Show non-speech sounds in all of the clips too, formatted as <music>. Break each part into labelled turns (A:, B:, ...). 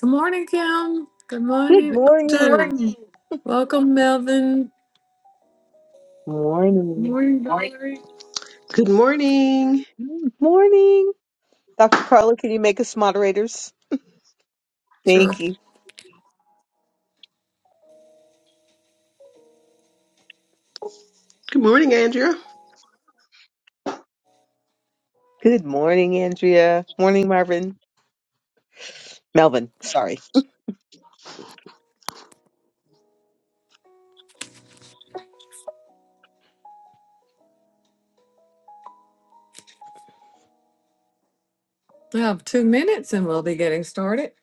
A: Good morning, Kim. Good
B: Good
A: morning, Good
B: morning.
A: Welcome, Melvin.
B: Morning.
A: morning, Valerie.
C: Good morning.
B: Morning. Dr. Carla, can you make us moderators?
A: Sure.
B: Thank you.
C: Good morning, Andrea.
B: Good morning, Andrea. Morning, Marvin. Melvin, sorry.
A: We have two minutes and we'll be getting started.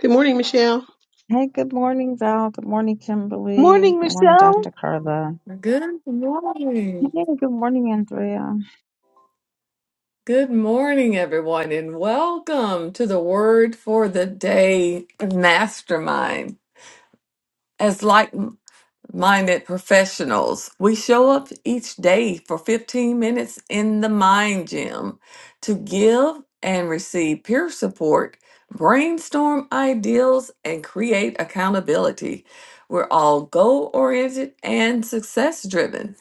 C: Good morning, Michelle.
D: Hey, good morning, Val. Good morning, Kimberly.
B: Morning,
D: Good morning,
B: Michelle.
D: Dr. Carla.
A: Good morning.
D: Hey, good morning, Andrea.
A: Good morning, everyone, and welcome to the Word for the Day Mastermind. As like minded professionals. We show up each day for 15 minutes in the mind gym to give and receive peer support, brainstorm ideals, and create accountability. We're all goal oriented and success driven.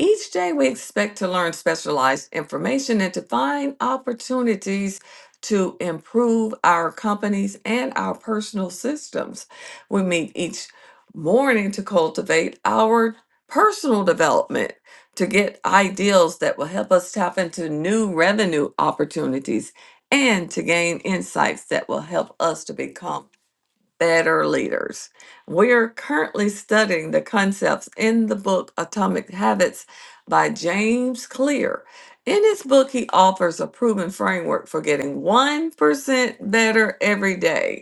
A: Each day, we expect to learn specialized information and to find opportunities to improve our companies and our personal systems. We meet each morning to cultivate our personal development, to get ideals that will help us tap into new revenue opportunities, and to gain insights that will help us to become better leaders. We are currently studying the concepts in the book Atomic Habits by James Clear. In his book, he offers a proven framework for getting 1% better every day.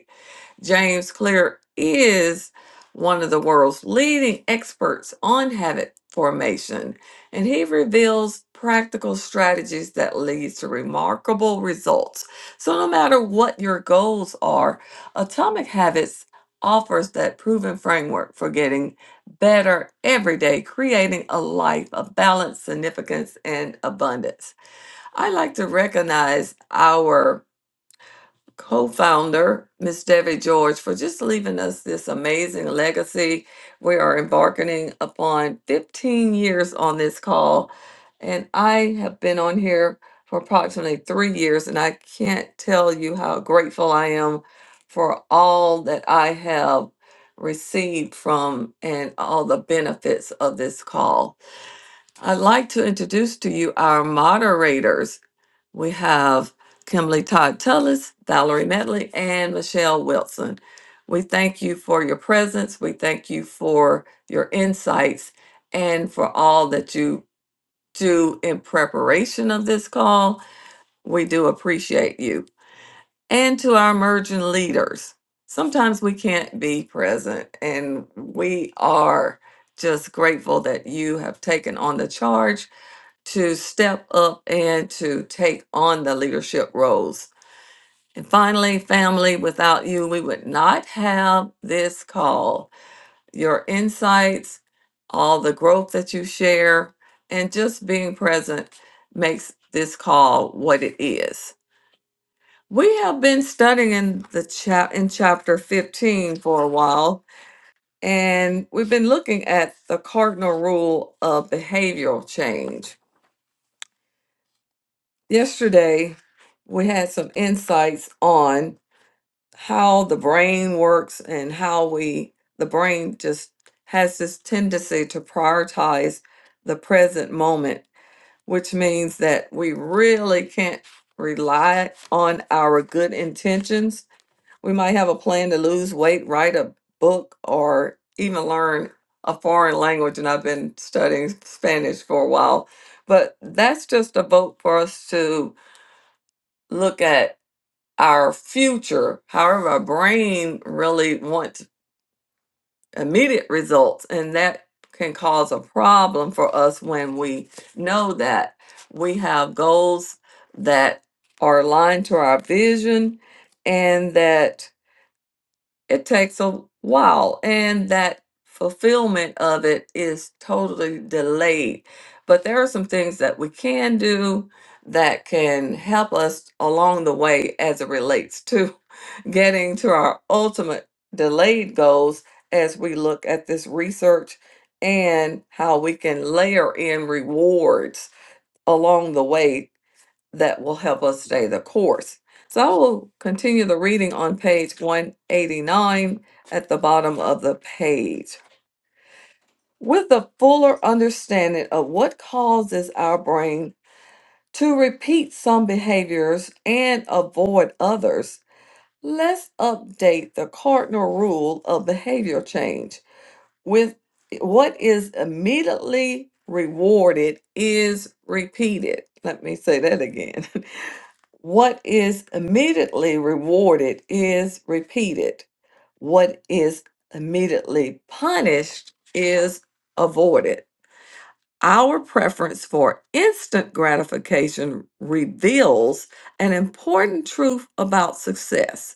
A: James Clear is one of the world's leading experts on habit formation, and he reveals practical strategies that leads to remarkable results. So no matter what your goals are, Atomic Habits offers that proven framework for getting better every day, creating a life of balance, significance, and abundance. I like to recognize our co-founder, Miss Debbie George, for just leaving us this amazing legacy. We are embarking upon 15 years on this call, and I have been on here for approximately three years, and I can't tell you how grateful I am for all that I have received from and all the benefits of this call. I'd like to introduce to you our moderators. We have Kimberly Todd Tullis, Valerie Medley, and Michelle Wilson. We thank you for your presence. We thank you for your insights and for all that you do in preparation of this call. We do appreciate you. And to our emerging leaders, sometimes we can't be present, and we are just grateful that you have taken on the charge to step up and to take on the leadership roles and finally, family, without you, we would not have this call. Your insights, all the growth that you share, and just being present makes this call what it is. We have been studying in the chap in chapter 15 for a while, and we've been looking at the cardinal rule of behavioral change. Yesterday, we had some insights on how the brain works and how we the brain just has this tendency to prioritize the present moment which means that we really can't rely on our good intentions we might have a plan to lose weight write a book or even learn a foreign language and i've been studying spanish for a while but that's just a vote for us to look at our future. However, our brain really wants immediate results, and that can cause a problem for us when we know that we have goals that are aligned to our vision and that it takes a while and that fulfillment of it is totally delayed. But there are some things that we can do that can help us along the way as it relates to getting to our ultimate delayed goals as we look at this research and how we can layer in rewards along the way that will help us stay the course. So I will continue the reading on page 189 at the bottom of the page. With a fuller understanding of what causes our brain to repeat some behaviors and avoid others, Let's update the cardinal rule of behavior change with what is immediately rewarded is repeated. Let me say that again. <laughs> what is immediately rewarded is repeated. What is immediately punished is avoided. Our preference for instant gratification reveals an important truth about success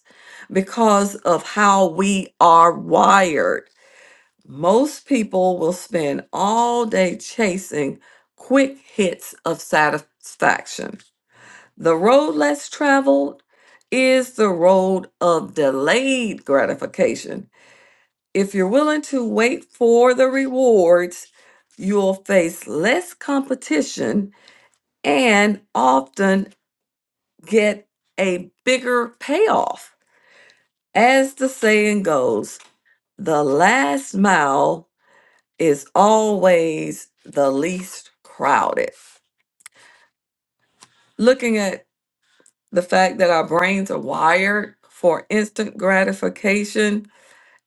A: because of how we are wired. Most people will spend all day chasing quick hits of satisfaction. The road less traveled is the road of delayed gratification if you're willing to wait for the rewards, you'll face less competition and often get a bigger payoff. As the saying goes, the last mile is always the least crowded. Looking at the fact that our brains are wired for instant gratification,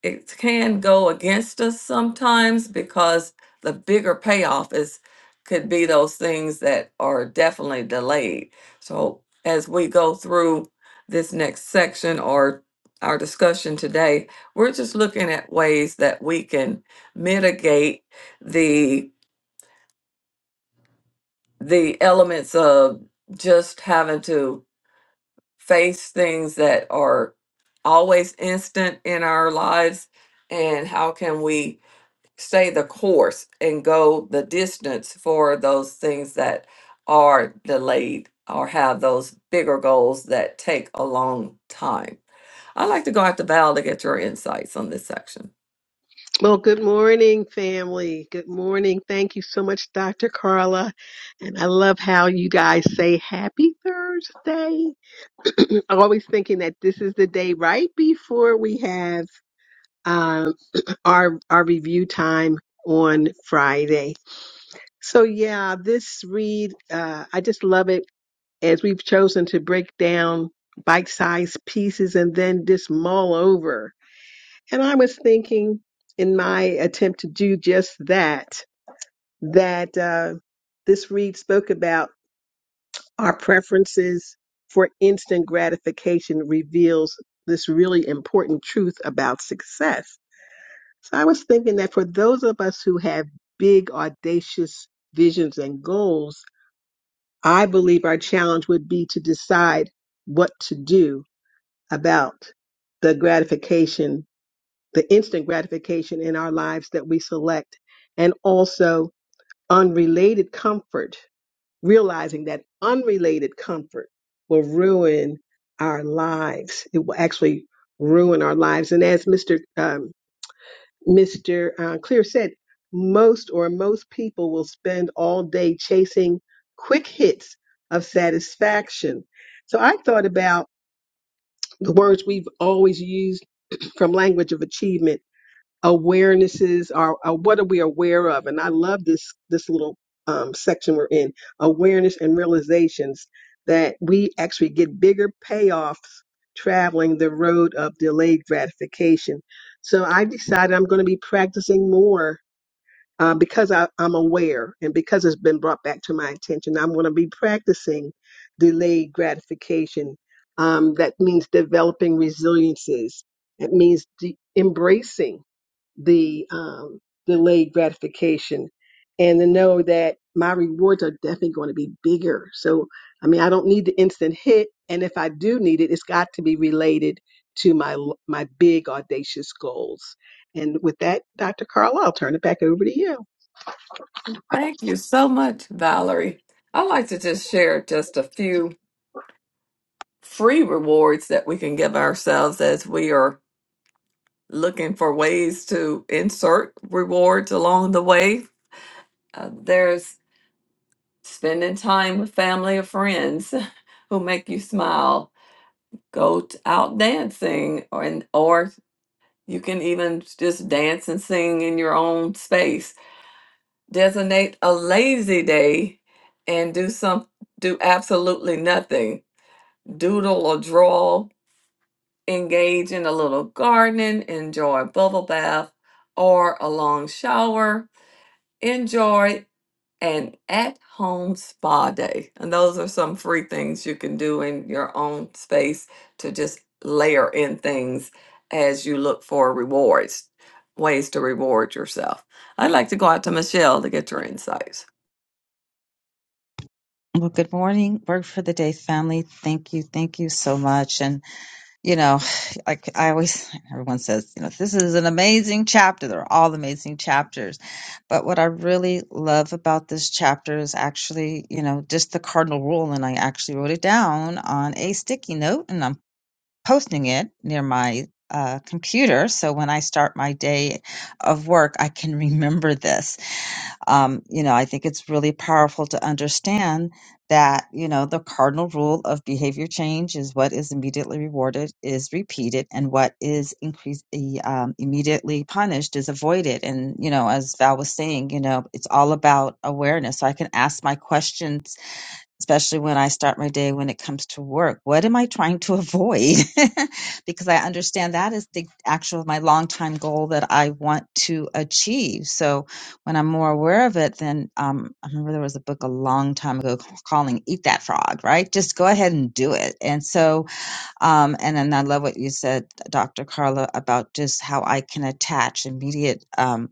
A: it can go against us sometimes because the bigger payoff is could be those things that are definitely delayed. So as we go through this next section or our discussion today, we're just looking at ways that we can mitigate the the elements of just having to face things that are always instant in our lives and how can we stay the course and go the distance for those things that are delayed or have those bigger goals that take a long time. I'd like to go out to Val to get your insights on this section.
C: Well, good morning, family. Good morning. Thank you so much, Dr. Carla. And I love how you guys say happy Thursday. <clears throat> Always thinking that this is the day right before we have um, our our review time on Friday. So yeah, this read uh, I just love it as we've chosen to break down bite-sized pieces and then just mull over And I was thinking in my attempt to do just that, that uh, this read spoke about our preferences for instant gratification reveals this really important truth about success. So I was thinking that for those of us who have big, audacious visions and goals, I believe our challenge would be to decide what to do about the gratification the instant gratification in our lives that we select, and also unrelated comfort, realizing that unrelated comfort will ruin our lives. It will actually ruin our lives. And as Mr. Um, Mr. Uh, Clear said, most or most people will spend all day chasing quick hits of satisfaction. So I thought about the words we've always used from language of achievement awarenesses are, are what are we aware of and i love this this little um, section we're in awareness and realizations that we actually get bigger payoffs traveling the road of delayed gratification so i decided i'm going to be practicing more uh, because I, i'm aware and because it's been brought back to my attention i'm going to be practicing delayed gratification um, that means developing resiliences it means de- embracing the um, delayed gratification and to know that my rewards are definitely going to be bigger. So, I mean, I don't need the instant hit. And if I do need it, it's got to be related to my l- my big audacious goals. And with that, Dr. Carl, I'll turn it back over to you.
A: Thank you so much, Valerie. I'd like to just share just a few free rewards that we can give ourselves as we are looking for ways to insert rewards along the way. Uh, there's spending time with family or friends <laughs> who make you smile go t- out dancing or and or you can even just dance and sing in your own space designate a lazy day and do some do absolutely nothing doodle or draw engage in a little gardening enjoy a bubble bath or a long shower Enjoy. an at home spa day. And those are some free things you can do in your own space to just layer in things as you look for rewards, ways to reward yourself. I'd like to go out to Michelle to get your insights.
D: Well, good morning, Work for the Day family. Thank you. Thank you so much. And, you know, like I always, <laughs> everyone says, you know, this is an amazing chapter. They're all amazing chapters. But what I really love about this chapter is actually, you know, just the cardinal rule. And I actually wrote it down on a sticky note. and I'm. posting it near my uh, computer. So when I start my day of work, I can <laughs> remember this. Um, you know, I think it's really powerful to understand that, you know, the cardinal rule of behavior change is what is immediately rewarded is repeated and what is increased, um, immediately punished is avoided. And, you know, as Val was saying, you know, it's all about awareness. So I can ask my questions especially when I start my day when it comes to work. What am I trying to avoid? <laughs> because I understand that is the actual my long-time goal that I want to achieve. So when I'm more aware of it, then um, I remember there was a book a long time ago calling "Eat That Frog," right? Just go ahead and do it. And so, um, and then I love what you said, Dr. Carla, about just how I can attach immediate. um,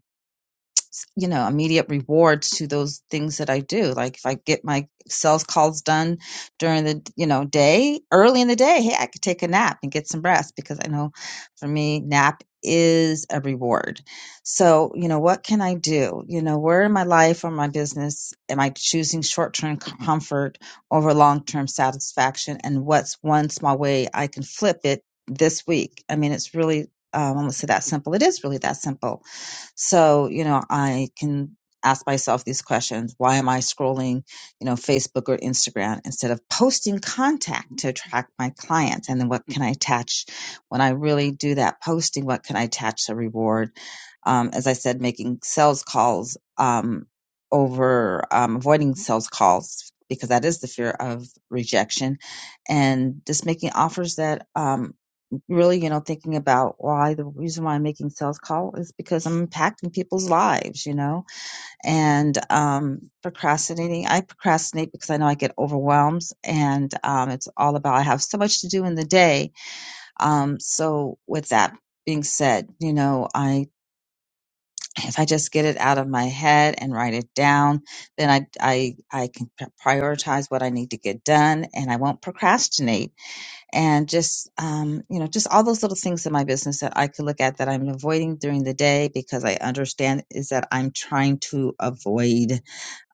D: you know immediate rewards to those things that I do. Like if I get my sales calls done during the you know day, early in the day, hey, I could take a nap and get some rest because I know for me nap is a reward. So, you know, what can I do? You know, where in my life or my business am I choosing short-term comfort over long-term satisfaction and what's one small way I can flip it this week? I mean, it's really um, almost that simple. It is really that simple so, you know, I can ask myself these questions. Why am I scrolling, you know, Facebook or Instagram instead of posting contact to attract my clients? And then what can I attach when I really do that posting? What can I attach to reward? Um, as I said, making sales calls, um, over, um, avoiding sales calls because that is the fear of rejection and just making offers that, um, really, you know, thinking about why the reason why I'm making sales call is because I'm impacting people's lives, you know, and um, procrastinating. I procrastinate because I know I get overwhelmed and um, it's all about I have so much to do in the day. Um, so with that being said, you know, I if I just get it out of my head and write it down, then I I I can prioritize what I need to get done and I won't procrastinate and just um, you know just all those little things in my business that i could look at that i'm avoiding during the day because i understand is that i'm trying to avoid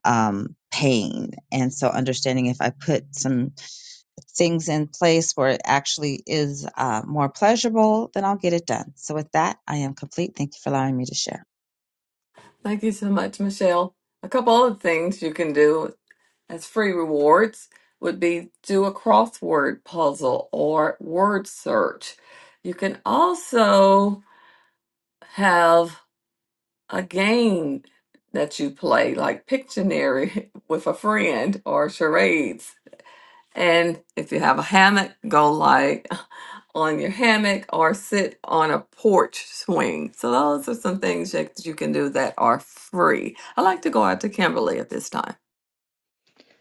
D: um, pain and so understanding if i put some things in place where it actually is uh, more pleasurable then i'll get it done so with that i am complete thank you for allowing me to share
A: Thank you so much, Michelle. A couple other things you can do as free rewards would be do a crossword puzzle or word search. You can also have a game that you play, like Pictionary <laughs> with a friend or charades. And if you have a hammock, go lie <laughs> on your hammock or sit on a porch swing. So, those are some things that you can do that are free. I like to go out to Kimberly at this time.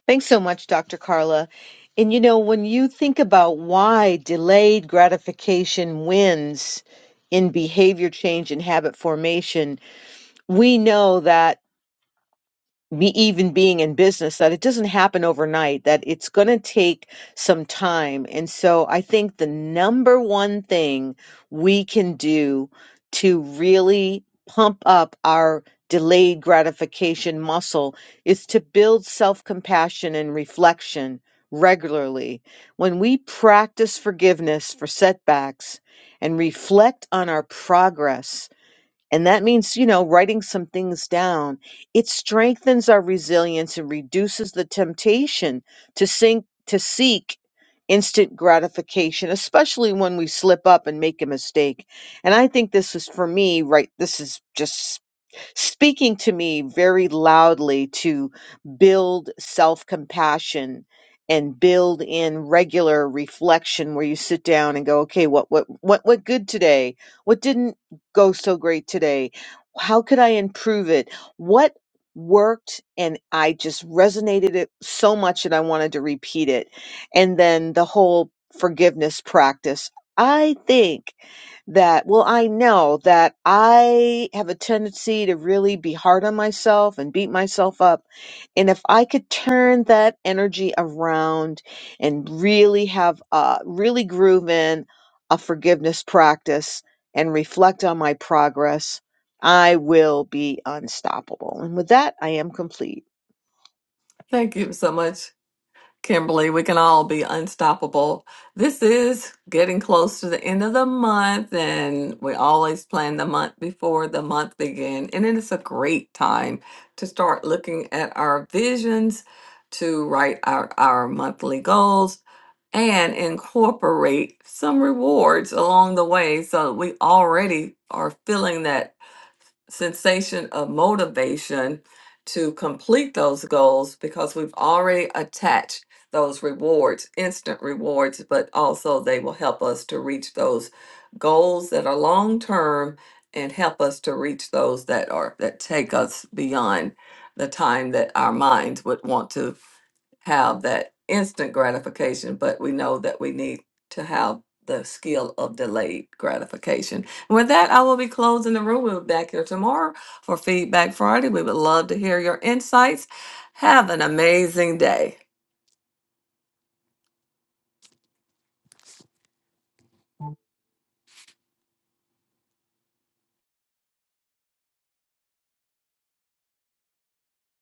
B: Thanks so much, Dr. Carla. And you know, when you think about why delayed gratification wins in behavior change and habit formation, we know that. me even being in business that it doesn't happen overnight that it's going to take some time and so i think the number one thing we can do to really pump up our delayed gratification muscle is to build self-compassion and reflection regularly when we practice forgiveness for setbacks and reflect on our progress and that means, you know, writing some things down. It strengthens our resilience and reduces the temptation to sink to seek instant gratification, especially when we slip up and make a mistake. And I think this is for me, right? This is just speaking to me very loudly to build self compassion and build in regular reflection where you sit down and go okay what what what what good today what didn't go so great today how could i improve it what worked and i just resonated it so much that i wanted to repeat it and then the whole forgiveness practice i think that, well, I know that I have a tendency to really be hard on myself and beat myself up. And if I could turn that energy around and really have, uh, really groove in a forgiveness practice and reflect on my progress, I will be unstoppable. And with that, I am complete.
A: Thank you so much. Kimberly, we can all be unstoppable. This is getting close to the end of the month, and we always plan the month before the month begin. And it is a great time to start looking at our visions, to write out our monthly goals, and incorporate some rewards along the way so that we already are feeling that sensation of motivation to complete those goals because we've already attached those rewards, instant rewards, but also they will help us to reach those goals that are long term and help us to reach those that are that take us beyond the time that our minds would want to have that instant gratification, but we know that we need to have the skill of delayed gratification and With that, I will be closing the room. We'll be back here tomorrow for Feedback Friday. We would love to hear your insights. Have an amazing day.